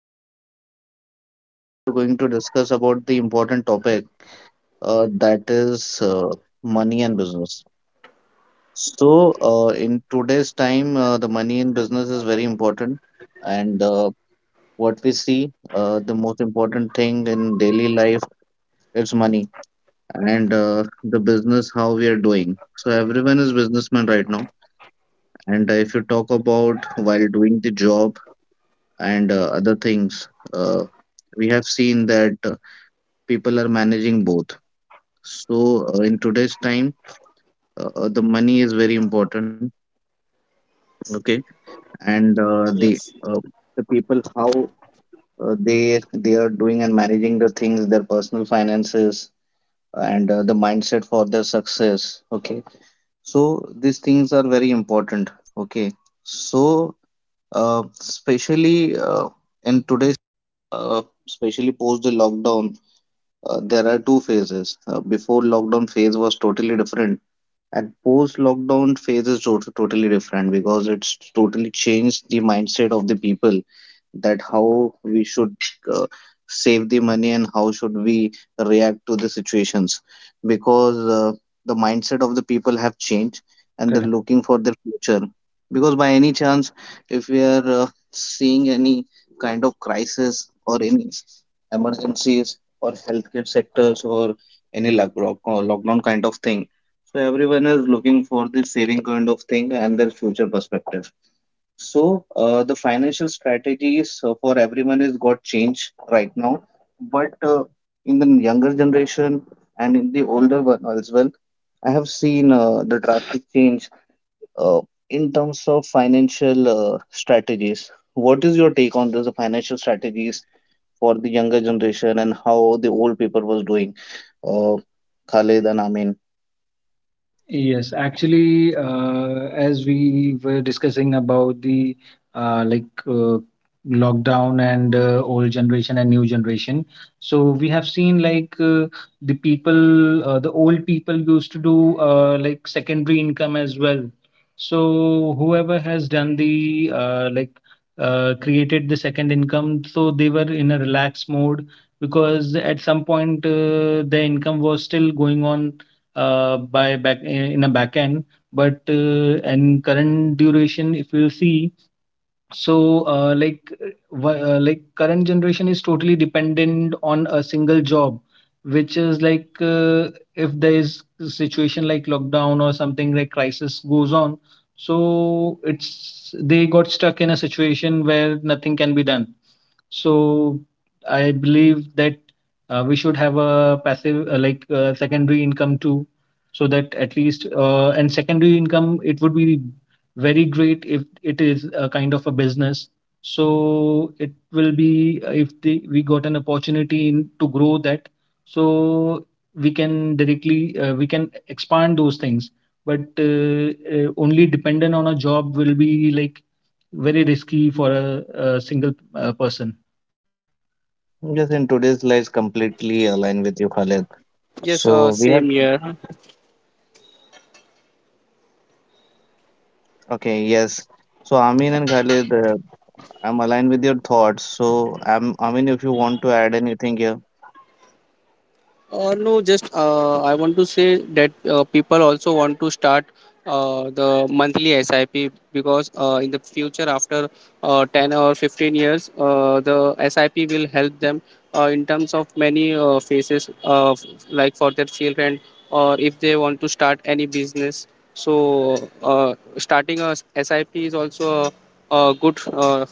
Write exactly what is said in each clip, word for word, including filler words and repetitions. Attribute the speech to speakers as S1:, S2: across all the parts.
S1: podcast, and today we are going to discuss about the important topic uh, that is uh, money and business. So, uh, in today's time, uh, the money and business is very important, and uh, what we see, uh, the most important thing in daily life is money and uh, the business how we are doing. So, everyone is businessman right now. And if you talk about while doing the job, and uh, other things. Uh, we have seen that uh, people are managing both. So uh, in today's time, uh, uh, the money is very important. Okay, and uh, the
S2: Yes,
S1: uh, the people how uh, they they are doing and managing the things, their personal finances, and uh, the mindset for their success. Okay, so these things are very important. Okay, so uh, especially uh, in today's, uh, especially post the lockdown, uh, there are two phases. Uh, before lockdown phase was totally different. And post lockdown phase is tot- totally different because it's totally changed the mindset of the people that how we should uh, save the money and how should we react to the situations because uh, the mindset of the people have changed and they're
S3: Correct.
S1: looking for their future, because by any chance, if we are uh, seeing any kind of crisis or any emergencies or healthcare sectors or any lock- lock- lockdown kind of thing, so everyone is looking for the saving kind of thing and their future perspective. So uh, the financial strategies uh, for everyone is got changed right now, but uh, in the younger generation and in the older one as well, I have seen uh, the drastic change uh, in terms of financial uh, strategies. What is your take on this, the financial strategies for the younger generation and how the old people was doing, uh, Khalid and Amin?
S3: Yes, actually, uh, as we were discussing about the uh, like uh, lockdown and uh, old generation and new generation, so we have seen like uh, the people, uh, the old people used to do uh, like secondary income as well. So whoever has done the uh, like uh, created the second income, so they were in a relaxed mode because at some point uh, the income was still going on uh, by back in a backend. But uh, and current duration, if you see, so, uh, like, uh, wha- uh, like current generation is totally dependent on a single job, which is like uh, if there is a situation like lockdown or something like crisis goes on, so it's they got stuck in a situation where nothing can be done. So I believe that uh, we should have a passive, uh, like uh, secondary income too, so that at least uh, and secondary income it would be very great if it is a kind of a business. So it will be uh, if the, we got an opportunity in, to grow that, so we can directly uh, we can expand those things. But uh, uh, Only dependent on a job will be like very risky for a, a single uh, person.
S1: Yes, in today's lives, completely aligned with you, Khalid.
S2: yes,
S1: So
S2: uh,
S1: we have,
S2: same here.
S1: okay, yes. So Amin and Khalid, uh, I'm aligned with your thoughts. So I'm, Amin, if you want to add anything here.
S2: Uh, no, just uh, I want to say that uh, people also want to start uh, the monthly S I P because uh, in the future, after uh, ten or fifteen years, uh, the S I P will help them uh, in terms of many uh, phases, uh, f- like for their children, or if they want to start any business. So, uh, starting a S I P is also a, a good uh,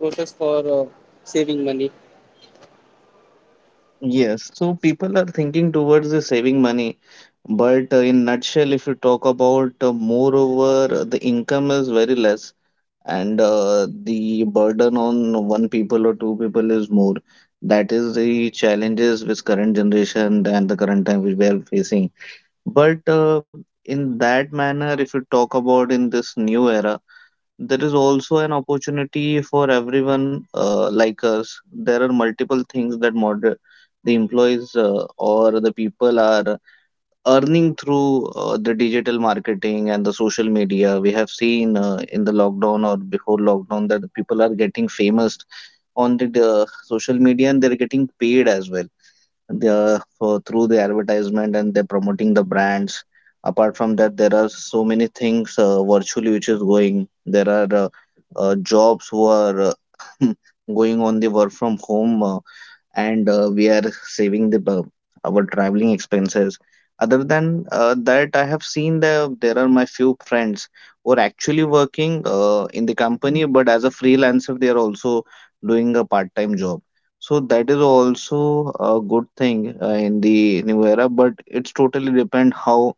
S2: process for uh, saving money.
S1: Yes. So people are thinking towards the saving money, but uh, in nutshell, if you talk about, uh, moreover, uh, the income is very less, and uh, the burden on one people or two people is more. That is the challenges which current generation and the current time we are facing. But uh, in that manner, if you talk about in this new era, there is also an opportunity for everyone uh, like us. There are multiple things that moder the employees uh, or the people are earning through uh, the digital marketing and the social media. We have seen uh, in the lockdown or before lockdown that people are getting famous on the uh, social media and they're getting paid as well the for through the advertisement, and they're promoting the brands. Apart from that, there are so many things uh, virtually which is going. There are uh, uh, jobs who are uh, going on the work from home, uh, and uh, we are saving the uh, our traveling expenses. Other than uh, that, I have seen the there are my few friends who are actually working uh, in the company, but as a freelancer, they are also doing a part-time job. So that is also a good thing uh, in the new era, but it's totally depend how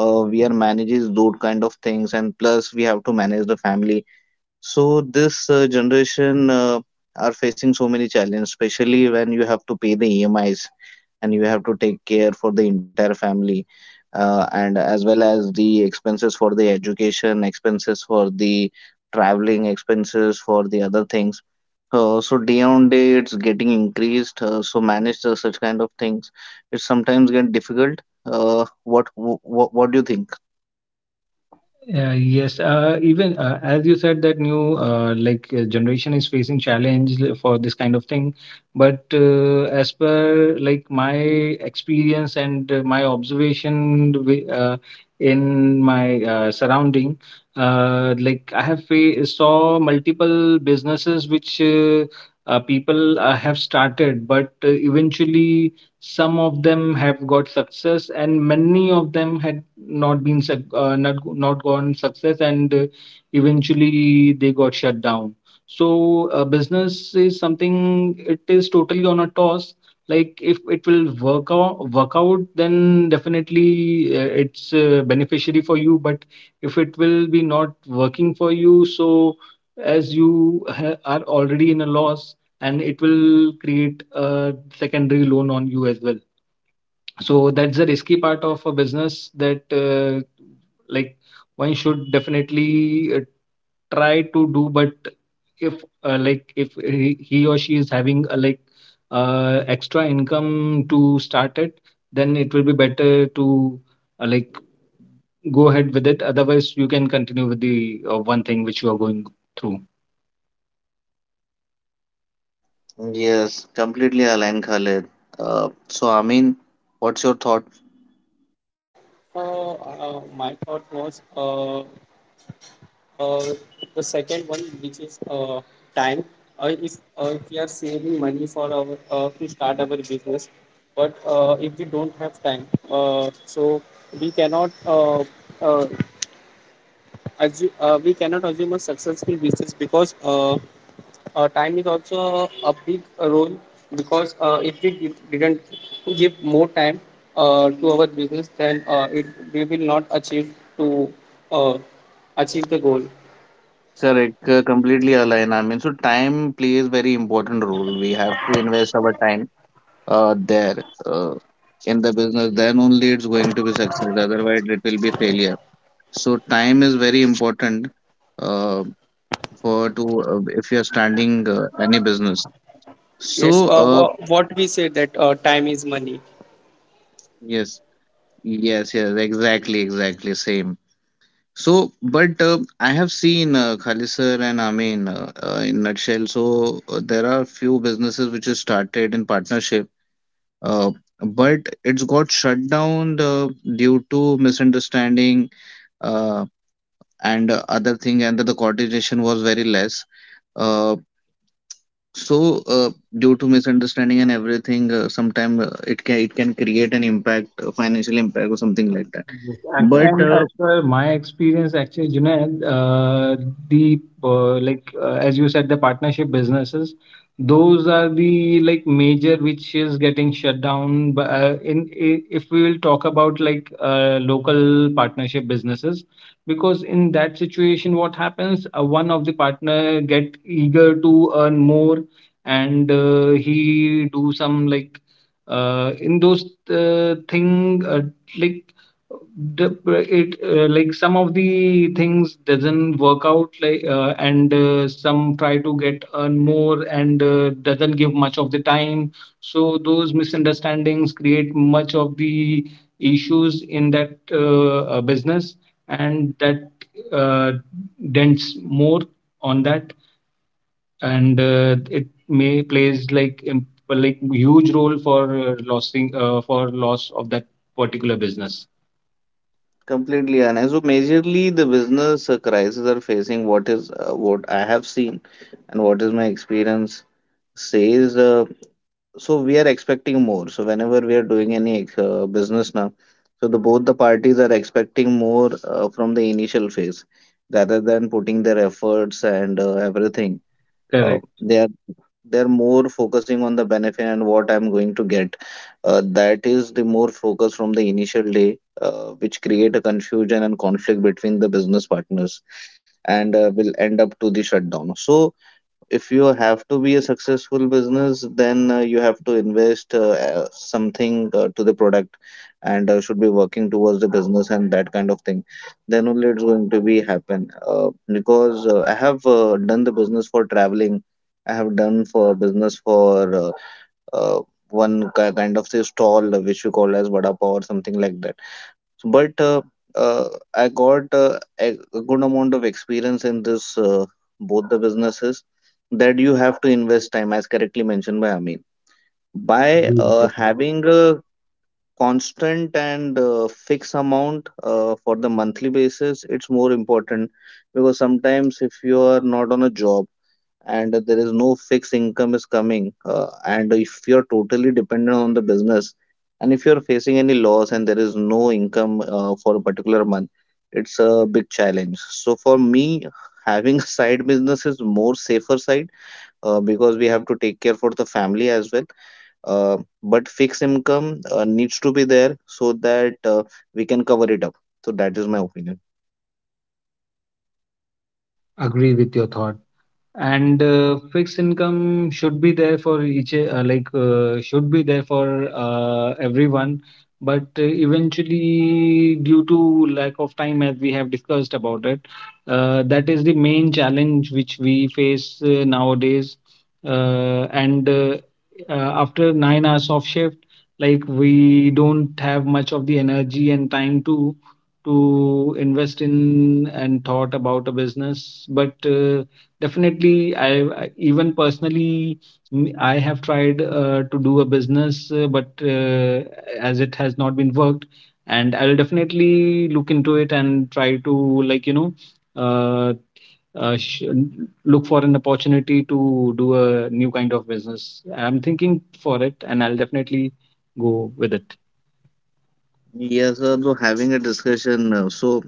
S1: uh, we are manages those kind of things, and plus we have to manage the family. So this uh, generation uh, are facing so many challenges, especially when you have to pay the E M Is and you have to take care for the entire family, uh, and as well as the expenses for the education, expenses for the traveling, expenses for the other things. Uh, so day on day, it's getting increased. Uh, so manage uh, such kind of things. It sometimes get difficult. Uh, what, what what do you think?
S3: Uh, yes, uh, even uh, as you said that new uh, like uh, generation is facing challenge li- for this kind of thing, but uh, as per like my experience and uh, my observation wi- uh, in my uh, surrounding, uh, like I have fa- saw multiple businesses which uh, uh, people uh, have started, but uh, eventually some of them have got success and many of them had not been suc- uh, not not gone success and uh, eventually they got shut down. So uh, business is something it is totally on a toss. Like if it will work out work out, then definitely uh, it's uh, beneficiary for you, but if it will be not working for you, so as you ha- are already in a loss, and it will create a secondary loan on you as well. So that's the risky part of a business, that uh, like one should definitely uh, try to do. But if uh, like if he, he or she is having a like uh, extra income to start it, then it will be better to uh, like go ahead with it. Otherwise, you can continue with the uh, one thing which you are going through.
S1: Yes, completely aligned, Khaled. Uh, so, I mean, what's your thought?
S2: Uh, uh, my thought was uh, uh, the second one, which is uh, time. Uh, if uh, if we are saving money for our uh, to start our business, but uh, if we don't have time, uh, so we cannot uh, uh, assume, uh, we cannot assume a successful business because uh, uh, time is also a big role because uh, if we did, didn't give more time uh, to our business, then uh, it, we will not achieve to uh, achieve the goal.
S1: Correct, uh, completely aligned. I mean, so time plays very important role. We have to invest our time uh, there uh, in the business. Then only it's going to be success. Otherwise, it will be failure. So, time is very important uh, for to uh, if you're starting uh, any business.
S2: Yes,
S1: So,
S2: uh,
S1: uh,
S2: wha- what we say that uh, time is money.
S1: yes, yes, yes, exactly, exactly, same. So, but uh, I have seen uh, Khalid sir and Amin uh, uh, in nutshell. So uh, there are few businesses which is started in partnership, uh, but it's got shut down uh, due to misunderstanding uh, and uh, other thing, and the coordination was very less. Uh, so uh, due to misunderstanding and everything, uh, sometime uh, it can it can create an impact, a financial impact or something like that.
S3: Yes, act-
S1: But
S3: and as
S1: uh,
S3: per my experience, actually, Junaid, uh, the uh, like uh, as you said, the partnership businesses, those are the like major which is getting shut down. But uh, in i- if we will talk about like uh, local partnership businesses, because in that situation, what happens? Uh, one of the partner get eager to earn more, and uh, he do some like uh, in those uh, thing uh, like the it uh, like some of the things doesn't work out like uh, and uh, some try to get earn more and uh, doesn't give much of the time, so those misunderstandings create much of the issues in that uh, uh, business, and that uh, dents more on that, and uh, it may plays like imp- like huge role for uh, losing uh, for loss of that particular business.
S1: completely, and so majorly the business uh, crisis are facing what is uh, what I have seen and what is my experience says. Uh, so we are expecting more. So whenever we are doing any uh, business now, so the both the parties are expecting more uh, from the initial phase rather than putting their efforts and uh, everything. Uh,
S3: Correct.
S1: they are they're more focusing on the benefit and what I'm going to get. Uh, that is the more focus from the initial day, uh, which create a confusion and conflict between the business partners and uh, will end up to the shutdown. So if you have to be a successful business, then uh, you have to invest uh, uh, something uh, to the product and uh, should be working towards the business and that kind of thing. Then only it's going to be happen. Uh, because uh, I have uh, done the business for traveling. I have done for business for uh, uh, one ki- kind of say stall, uh, which you call as vada pav or something like that, but uh, uh, I got uh, a a good amount of experience in this uh, both the businesses, that you have to invest time, as correctly mentioned by Amin. By
S3: Agree with
S1: uh,
S3: your thought.
S1: having a constant and uh, fixed amount uh, for the monthly basis, it's more important, because sometimes if you are not on a job and there is no fixed income is coming, uh, and if you're totally dependent on the business and if you're facing any loss and there is no income uh, for a particular month, it's a big challenge. So for me, having a side business is more safer side, uh, because we have to take care for the family as well, uh, but fixed income uh, needs to be there so that uh, we can cover it up. So that is my opinion.
S3: Agree with your thought. And uh, fixed income should be there for each, uh, like, uh, should be there for uh, everyone. But uh, eventually, due to lack of time, as we have discussed about it, uh, that is the main challenge which we face uh, nowadays. Uh, and uh, uh, After nine hours of shift, like, we don't have much of the energy and time to to invest in and thought about a business. But uh, Definitely, I, I even personally mm, I have tried uh, to do a business, uh, but uh, as it has not been worked, and I'll definitely look into it and try to like you know uh, uh, sh- look for an opportunity to do a new kind of business. I'm thinking for it, and I'll definitely go with it.
S1: Yes sir. So having a discussion, uh, so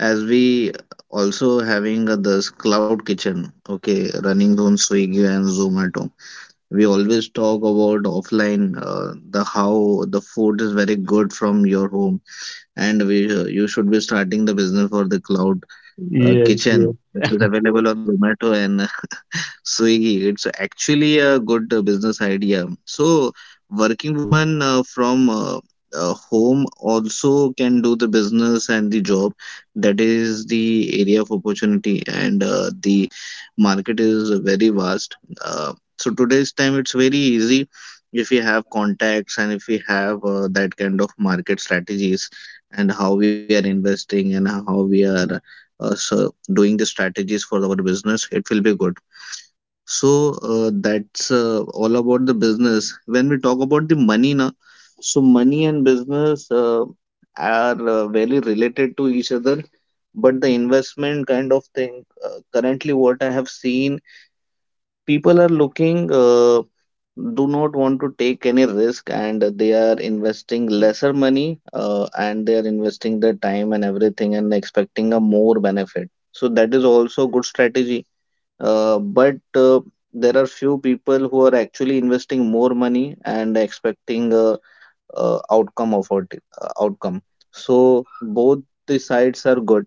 S1: as we also having uh, this cloud kitchen, okay, running on Swiggy and Zomato, we always talk about offline, uh, the how the food is very good from your home, and we uh, you should be starting the business for the cloud uh,
S3: Yes,
S1: kitchen, which is available on Zomato and Swiggy. It's actually a good uh, business idea. So, working woman uh, from uh, uh, home also can do the business and the job. That is the area of opportunity, and uh, the market is very vast. Uh, so today's time, it's very easy if we have contacts and if we have uh, that kind of market strategies, and how we are investing and how we are, uh, so doing the strategies for our business. It will be good. So uh, that's uh, all about the business. When we talk about the money now, so money and business uh, are uh, very related to each other. But the investment kind of thing, uh, currently what I have seen, people are looking, uh, do not want to take any risk, and they are investing lesser money, uh, and they are investing their time and everything, and expecting a more benefit. So that is also good strategy, uh, but uh, there are few people who are actually investing more money and expecting a, uh outcome of it, uh, outcome. So both the sides are good,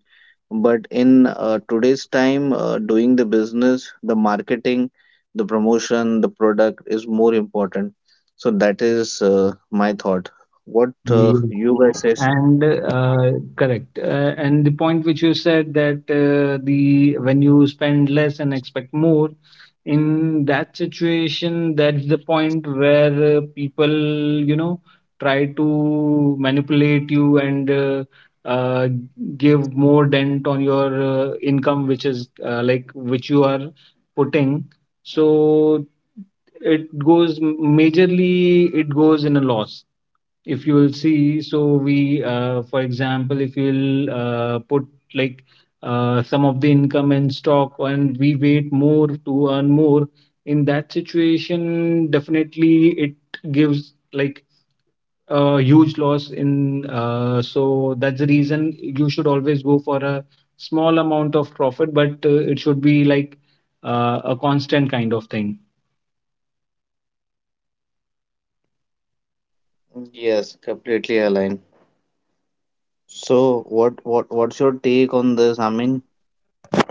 S1: but in uh, today's time, uh, doing the business, the marketing, the promotion, the product is more important. So that is uh, my thought. What uh,
S3: yes,
S1: you guys says?
S3: And uh, Correct. Uh, and the point which you said, that uh, the when you spend less and expect more, in that situation, that's the point where uh, people, you know, try to manipulate you and uh, uh, give more dent on your uh, income, which is uh, like which you are putting. So it goes majorly, it goes in a loss if you will see. So we uh, for example, if you'll uh, put like uh, some of the income in stock and we wait more to earn more, in that situation definitely it gives like a huge loss in uh, so that's the reason you should always go for a small amount of profit, but uh, it should be like uh, a constant kind of thing.
S1: Yes, completely aligned. So what what what's your take on this, Amin?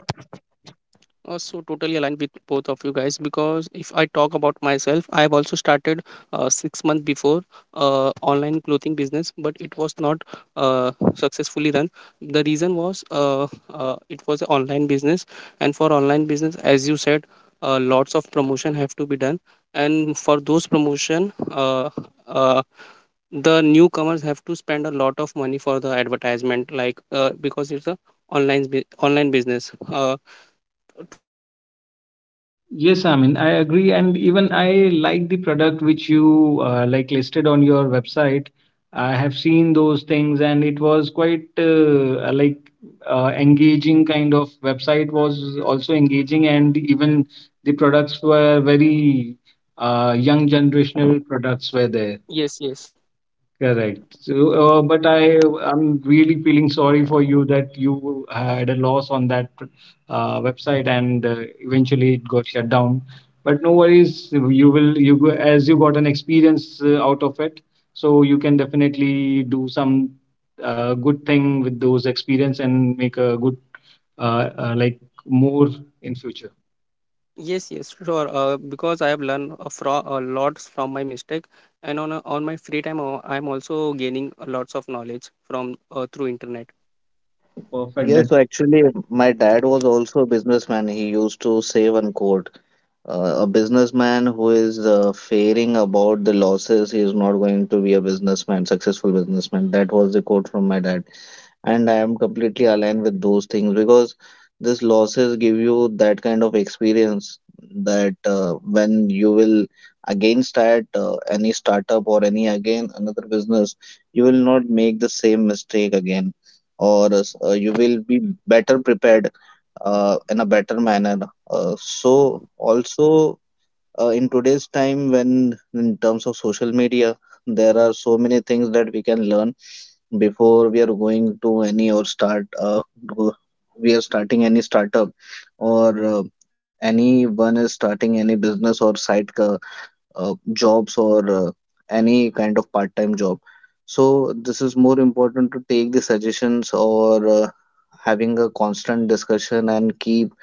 S2: Uh, so totally aligned with both of you guys, because if I talk about myself, I have also started uh, six months before uh, online clothing business, but it was not uh, successfully run. The reason was uh, uh, it was an online business, and for online business, as you said, uh, lots of promotion have to be done, and for those promotion, uh, uh, the newcomers have to spend a lot of money for the advertisement, like uh, because it's a online bu- online business uh, to uh, reach uh,
S3: Yes,
S2: those
S3: I mean, I
S2: customer.
S3: agree,
S2: We
S3: and
S2: have
S3: even
S2: to
S3: I
S2: run the
S3: like the
S2: uh,
S3: product which you uh, like listed on your website. I have seen those things, and it was quite uh, like uh, engaging. Kind of website was also engaging, and even the products were very uh, young generational products were there.
S2: yes, yes,
S3: Correct. So, uh, but I, I'm really feeling sorry for you that you had a loss on that uh, website and uh, eventually it got shut down. But no worries, you will, you go- as you got an experience uh, out of it, so you can definitely do some uh, good thing with those experience and make a good, uh, uh, like more in future.
S2: yes yes sure, uh, because I have learned a, fro- a lot from my mistake, and on a, on my free time uh, I'm also gaining lots of knowledge from uh, through internet.
S3: Perfect.
S1: Yes, so actually, my dad was also a businessman. He used to save and quote. Uh, a businessman who is uh, fearing about the losses, he is not going to be a businessman, successful businessman. That was the quote from my dad and I am completely aligned with those things because these losses give you that kind of experience that uh, when you will again start uh, any startup or any again another business, you will not make the same mistake again, or uh, you will be better prepared uh, in a better manner. Uh, so also uh, in today's time, when in terms of social media, there are so many things that we can learn before we are going to any or start uh, go- we are starting any startup or uh, anyone is starting any business or side uh, uh, jobs or uh, any kind of part-time job, so this is more important to take the suggestions or uh, having a constant discussion and keep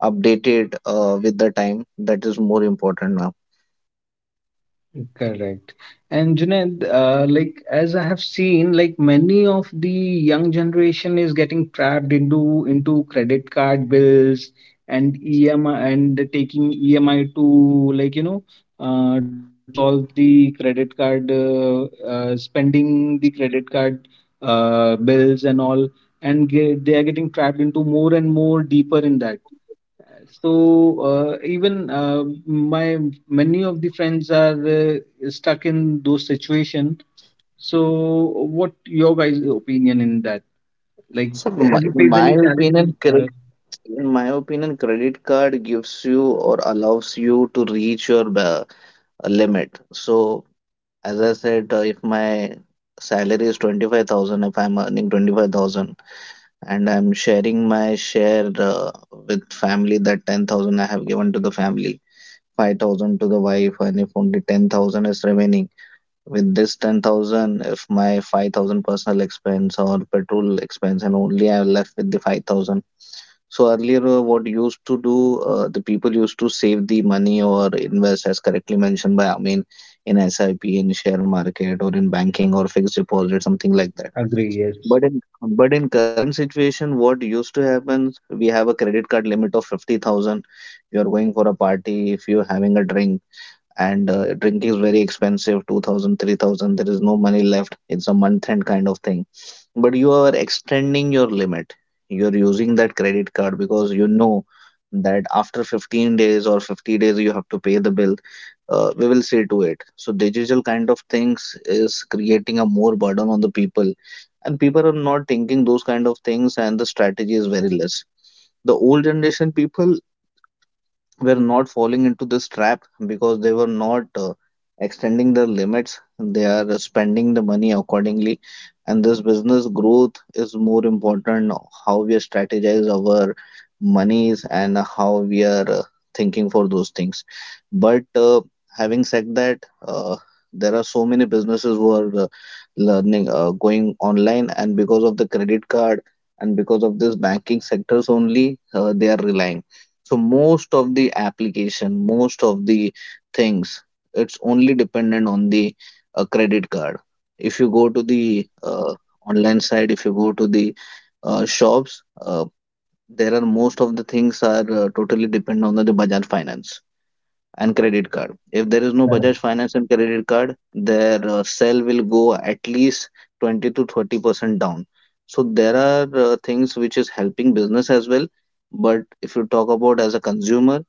S1: updated uh, with the time. That is more important now.
S3: Correct. And Junaid, uh, like as I have seen, like many of the young generation is getting trapped into into credit card bills and E M I, and taking E M I to like you know uh, to solve the credit card uh, uh, spending the credit card uh, bills and all, and get, they are getting trapped into more and more deeper in that. So uh, even uh, my many of the friends are uh, stuck in those situation. So what your guys opinion in that, like,
S1: So my,
S3: have you
S1: in
S3: faced
S1: my
S3: any challenges?
S1: opinion
S3: Uh,
S1: In my opinion, credit card gives you or allows you to reach your ba- limit. So, as I said, uh, if my salary is twenty-five thousand, if I'm earning twenty-five thousand and I'm sharing my share uh, with family, that ten thousand I have given to the family, five thousand to the wife, and if only ten thousand is remaining, with this ten thousand, if my five thousand personal expense or petrol expense, and only I'm left with the five thousand. So earlier, uh, what used to do, uh, the people used to save the money or invest, as correctly mentioned by Amin, in SIP, in share market, or in banking or fixed deposit, something like that.
S3: agree yes.
S1: But in but in current situation, what used to happen, we have a credit card limit of fifty thousand. You're going for a party, if you're having a drink, and uh, drink is very expensive, two thousand, three thousand, there is no money left, it's a month end kind of thing, but you are extending your limit, you're using that credit card because you know that after fifteen days or fifty days you have to pay the bill. Uh, we will see to it. So digital kind of things is creating a more burden on the people, and people are not thinking those kind of things, and the strategy is very less. The old generation people were not falling into this trap because they were not uh, extending their limits. They are spending the money accordingly. And this business growth is more important. How we strategize our monies and how we are uh, thinking for those things. But uh, having said that, uh, there are so many businesses who are uh, learning, uh, going online, and because of the credit card and because of this banking sectors only, uh, they are relying. So most of the application, most of the things, it's only dependent on the uh, credit card. If you go to the uh, online side, if you go to the uh, shops, uh, there are most of the things are uh, totally dependent on the the Bajaj Finance and credit card. If there is no
S3: Correct.
S1: Bajaj Finance and credit card, their uh, sale will go at least twenty to thirty percent down. So there are uh, things which is helping business as well, but if you talk about as a consumer,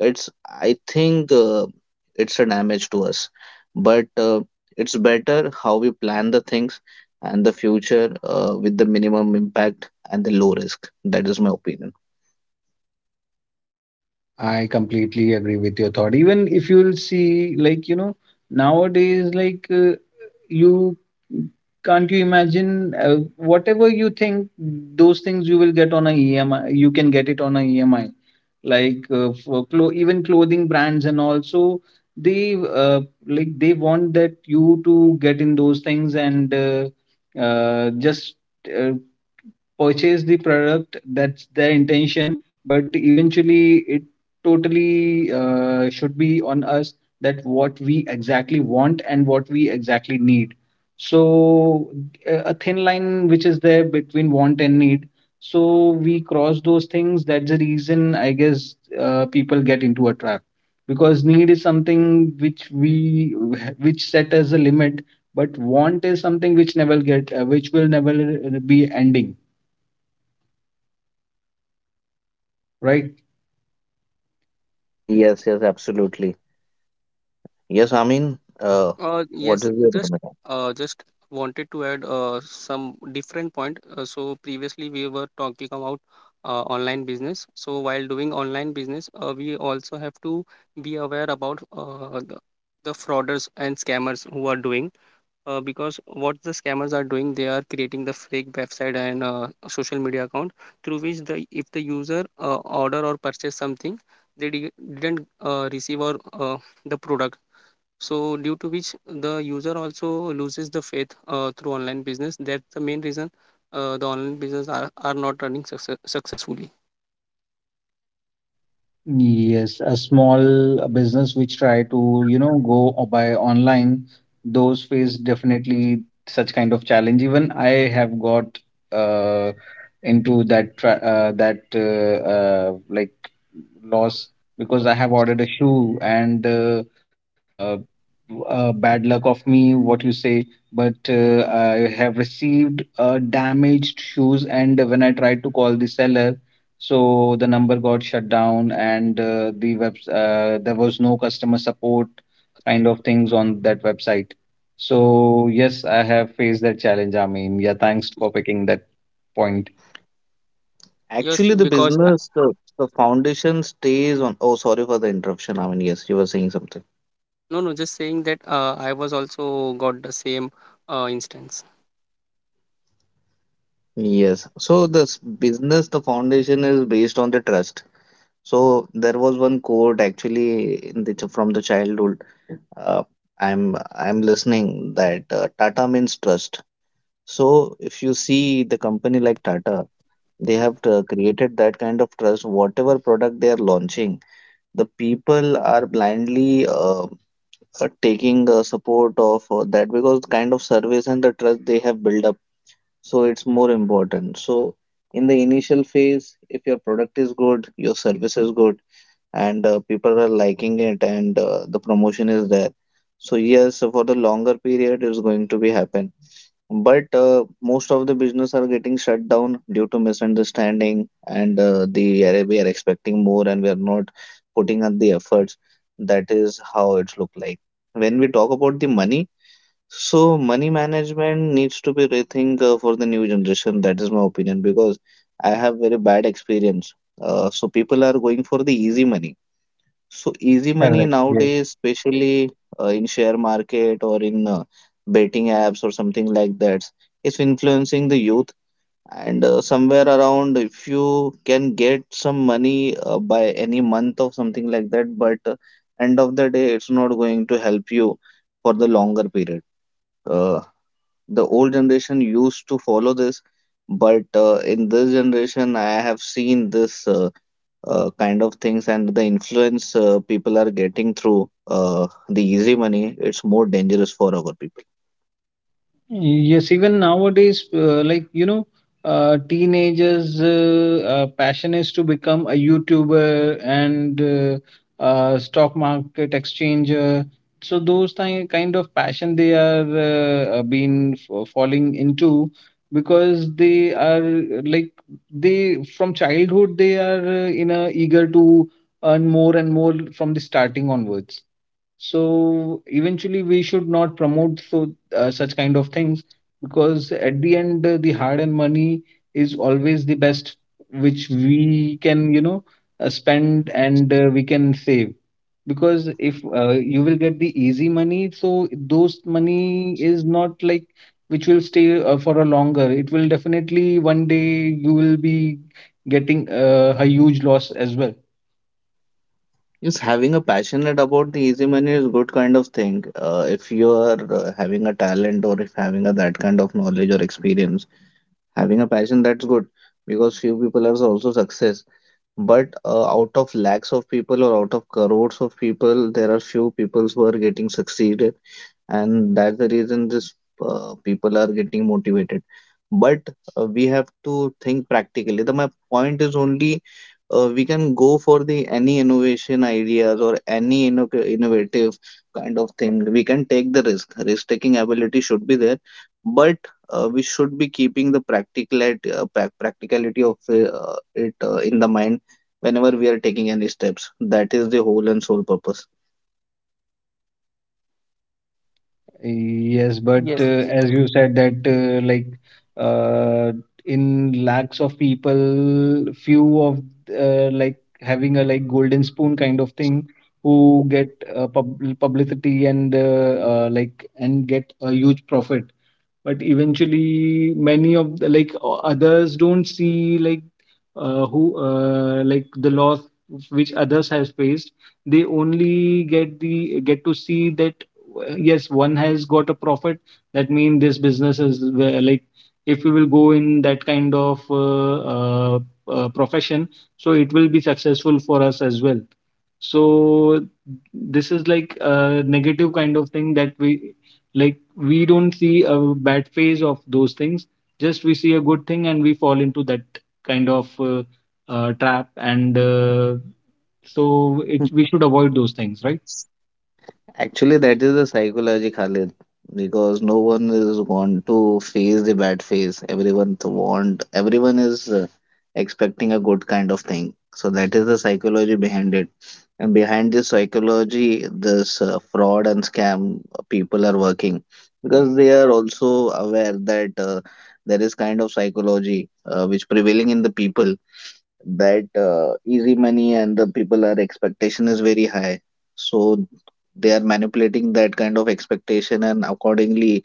S1: it's, I think, uh, it's a damage to us. But uh, it's better how we plan the things and the future uh, with the minimum impact and the low risk. That is my opinion.
S3: I completely agree with your thought. Even if you'll see, like you know, nowadays like uh, you can't you imagine uh, whatever you think, those things you will get on a E M I, you can get it on a E M I, like uh, for clo- even clothing brands and also they uh, like they want that you to get in those things and uh, uh, just uh, purchase the product. That's their intention. But eventually it totally uh, should be on us, that what we exactly want and what we exactly need. So a a thin line which is there between want and need, so we cross those things. That's the reason, I guess, uh, people get into a trap, because need is something which we which set as a limit, but want is something which never get uh, which will never uh, be ending. Right.
S1: Yes, yes, absolutely. Yes, I mean, uh,
S2: Uh,
S1: what
S2: yes,
S1: is your
S2: just
S1: opinion?
S2: uh, just wanted to add uh, some different point. Uh, so previously we were talking about uh, online business. So while doing online business, uh, we also have to be aware about uh, the, the frauders and scammers who are doing. Uh, because what the scammers are doing, they are creating the fake website and uh, social media account through which, the if the user uh, order or purchase something, they di- didn't uh, receive or uh, the product. So due to which the user also loses the faith uh, through online business. That's the main reason uh, the online business are, are not running success- successfully.
S3: Yes, a small business which try to, you know, go o- by online, those face definitely such kind of challenge. Even I have got uh, into that tra- uh, that uh, uh, like loss, because I have ordered a shoe and uh, uh, w- uh, bad luck of me, what you say, but uh, I have received uh, damaged shoes, and when I tried to call the seller, so the number got shut down and uh, the web uh, there was no customer support kind of things on that website. So yes, I have faced that challenge, I mean, yeah, thanks for picking that point.
S1: Actually
S2: Yes,
S1: the
S2: because I,
S1: business the, the foundation stays on. Oh, sorry for the interruption. I mean, yes, you were saying something.
S2: no, no, just saying that uh, I was also got the same uh, instance.
S1: Yes, so this business, the foundation is based on the trust. So there was one quote actually in the, from the childhood. Uh, I'm I'm listening that uh, Tata means trust. So if you see the company like Tata, they have uh, created that kind of trust. Whatever product they are launching, the people are blindly uh, uh, taking uh, support of uh, that, because the kind of service and the trust they have built up. So it's more important. So in the initial phase, if your product is good, your service is good, and uh, people are liking it, and uh, the promotion is there, so yes, for the longer period, it's going to be happen. But uh, most of the business are getting shut down due to misunderstanding, and uh, the area we are expecting more and we are not putting up the efforts. That is how it's look like. When we talk about the money, so money management needs to be rethink uh, for the new generation. That is my opinion, because I have very bad experience. Uh, so people are going for the easy money. So easy money
S3: Correct.
S1: nowadays, especially uh, in share market or in uh, betting apps or something like that, is influencing the youth. And uh, somewhere around, if you can get some money uh, by any month or something like that, but uh, end of the day, it's not going to help you for the longer period. Uh, the old generation used to follow this, but uh, in this generation, I have seen this. Uh, uh, kind of things, and the influence uh, people are getting through uh, the easy money, it's more dangerous for our people.
S3: Yes, even nowadays, uh, like you know, uh, teenagers' uh, uh, passion is to become a YouTuber and uh, uh, stock market exchanger. So those thi- kind of passion they are uh, uh, been f- falling into, because they are uh, like they from childhood they are uh, in a eager to earn more and more from the starting onwards. So eventually, we should not promote so uh, such kind of things, because at the end, uh, the hard-earned money is always the best, which we can, you know, uh, spend and uh, we can save. Because if uh, you will get the easy money, so those money is not like which will stay uh, for a longer. It will definitely one day you will be getting uh, a huge loss as well.
S1: Yes, having a passionate about the easy money is good kind of thing. Uh, if you are uh, having a talent, or if having a that kind of knowledge or experience, having a passion, that's good because few people are also success. But uh, out of lakhs of people or out of crores of people, there are few people who are getting succeeded, and that's the reason this uh, people are getting motivated. But uh, we have to think practically. The my point is only uh, we can go for the any innovation ideas or any inno innovative kind of thing. We can take the risk risk taking ability should be there. But uh, we should be keeping the practicality uh, prac- practicality of uh, it uh, in the mind whenever we are taking any steps. That is the whole and sole purpose.
S3: Yes, but
S2: Yes.
S3: uh, as you said that uh, like uh, in lakhs of people, few of uh, like having a like golden spoon kind of thing who get uh, pub publicity and uh, uh, like and get a huge profit. But eventually many of the, like o- others don't see like uh, who uh, like the loss which others has faced. They only get the get to see that uh, yes, one has got a profit. That means this business is where, like, if we will go in that kind of uh, uh, uh, profession, so it will be successful for us as well. So this is like a negative kind of thing that we like we don't see a bad phase of those things. Just we see a good thing and we fall into that kind of uh, uh, trap. And uh, so it,
S1: Hmm.
S3: we should avoid those things, right?
S1: Actually, that is the psychology, Khalid, because no one is want to face the bad phase. Everyone to want, everyone is uh, expecting a good kind of thing. So that is the psychology behind it. And behind this psychology, this uh, fraud and scam people are working, because they are also aware that uh, there is kind of psychology uh, which prevailing in the people, that uh, easy money and the people are expectation is very high. So they are manipulating that kind of expectation, and accordingly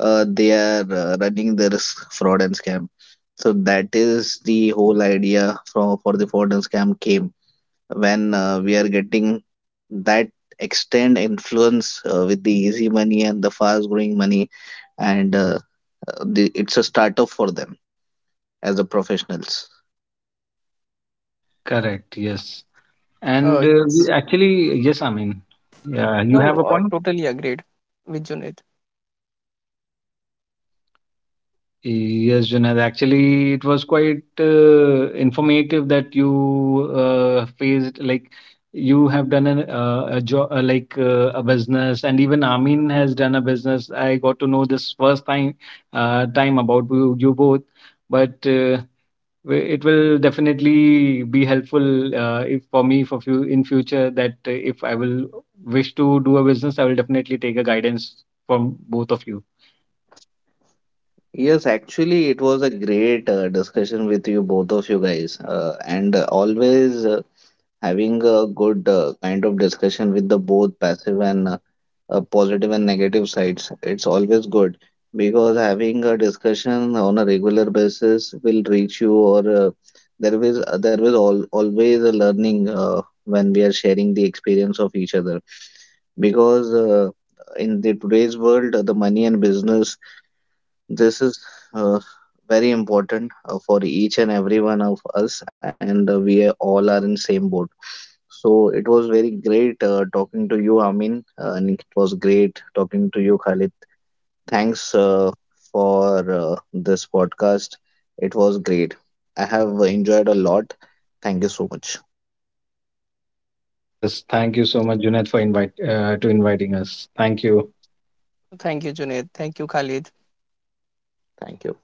S1: uh, they are uh, running the risk fraud and scam. So that is the whole idea from for the fraud and scam came, when uh, we are getting that extend influence uh, with the easy money and the fast growing money, and uh, uh, the, it's a startup for them as the professionals.
S3: Correct. Yes. And
S2: Uh,
S3: uh, we
S2: yes.
S3: actually, yes, I mean, Yeah, you
S2: No,
S3: have
S2: no.
S3: a
S2: Uh,
S3: point.
S2: totally agreed with Junaid.
S3: Yes, Junaid. Actually, it was quite uh, informative that you uh, faced like you have done an, uh, a job uh, like uh, a business, and even Amin has done a business. I got to know this first time uh, time about you, you both, but uh, wi- it will definitely be helpful uh, if for me for few in future, that uh, if I will wish to do a business, I will definitely take a guidance from both of you.
S1: Yes, actually, it was a great uh, discussion with you, both of you guys, uh, and uh, always uh, having a good uh, kind of discussion with the both passive and uh, uh, positive and negative sides. It's always good because having a discussion on a regular basis will reach you, or uh, there is there is all, always a learning uh, when we are sharing the experience of each other, because. Uh, in the today's world, the money and business, this is uh, very important uh, for each and every one of us, and uh, we are- all are in same boat. So it was very great uh, talking to you, Amin, uh, and it was great talking to you, Khalid. Thanks uh, for uh, this podcast. It was great. I have enjoyed a lot. Thank you so much.
S3: Yes, thank you so much, Junaid, for invite uh, to inviting us. Thank you.
S2: Thank you, Junaid. Thank you, Khalid.
S1: Thank you.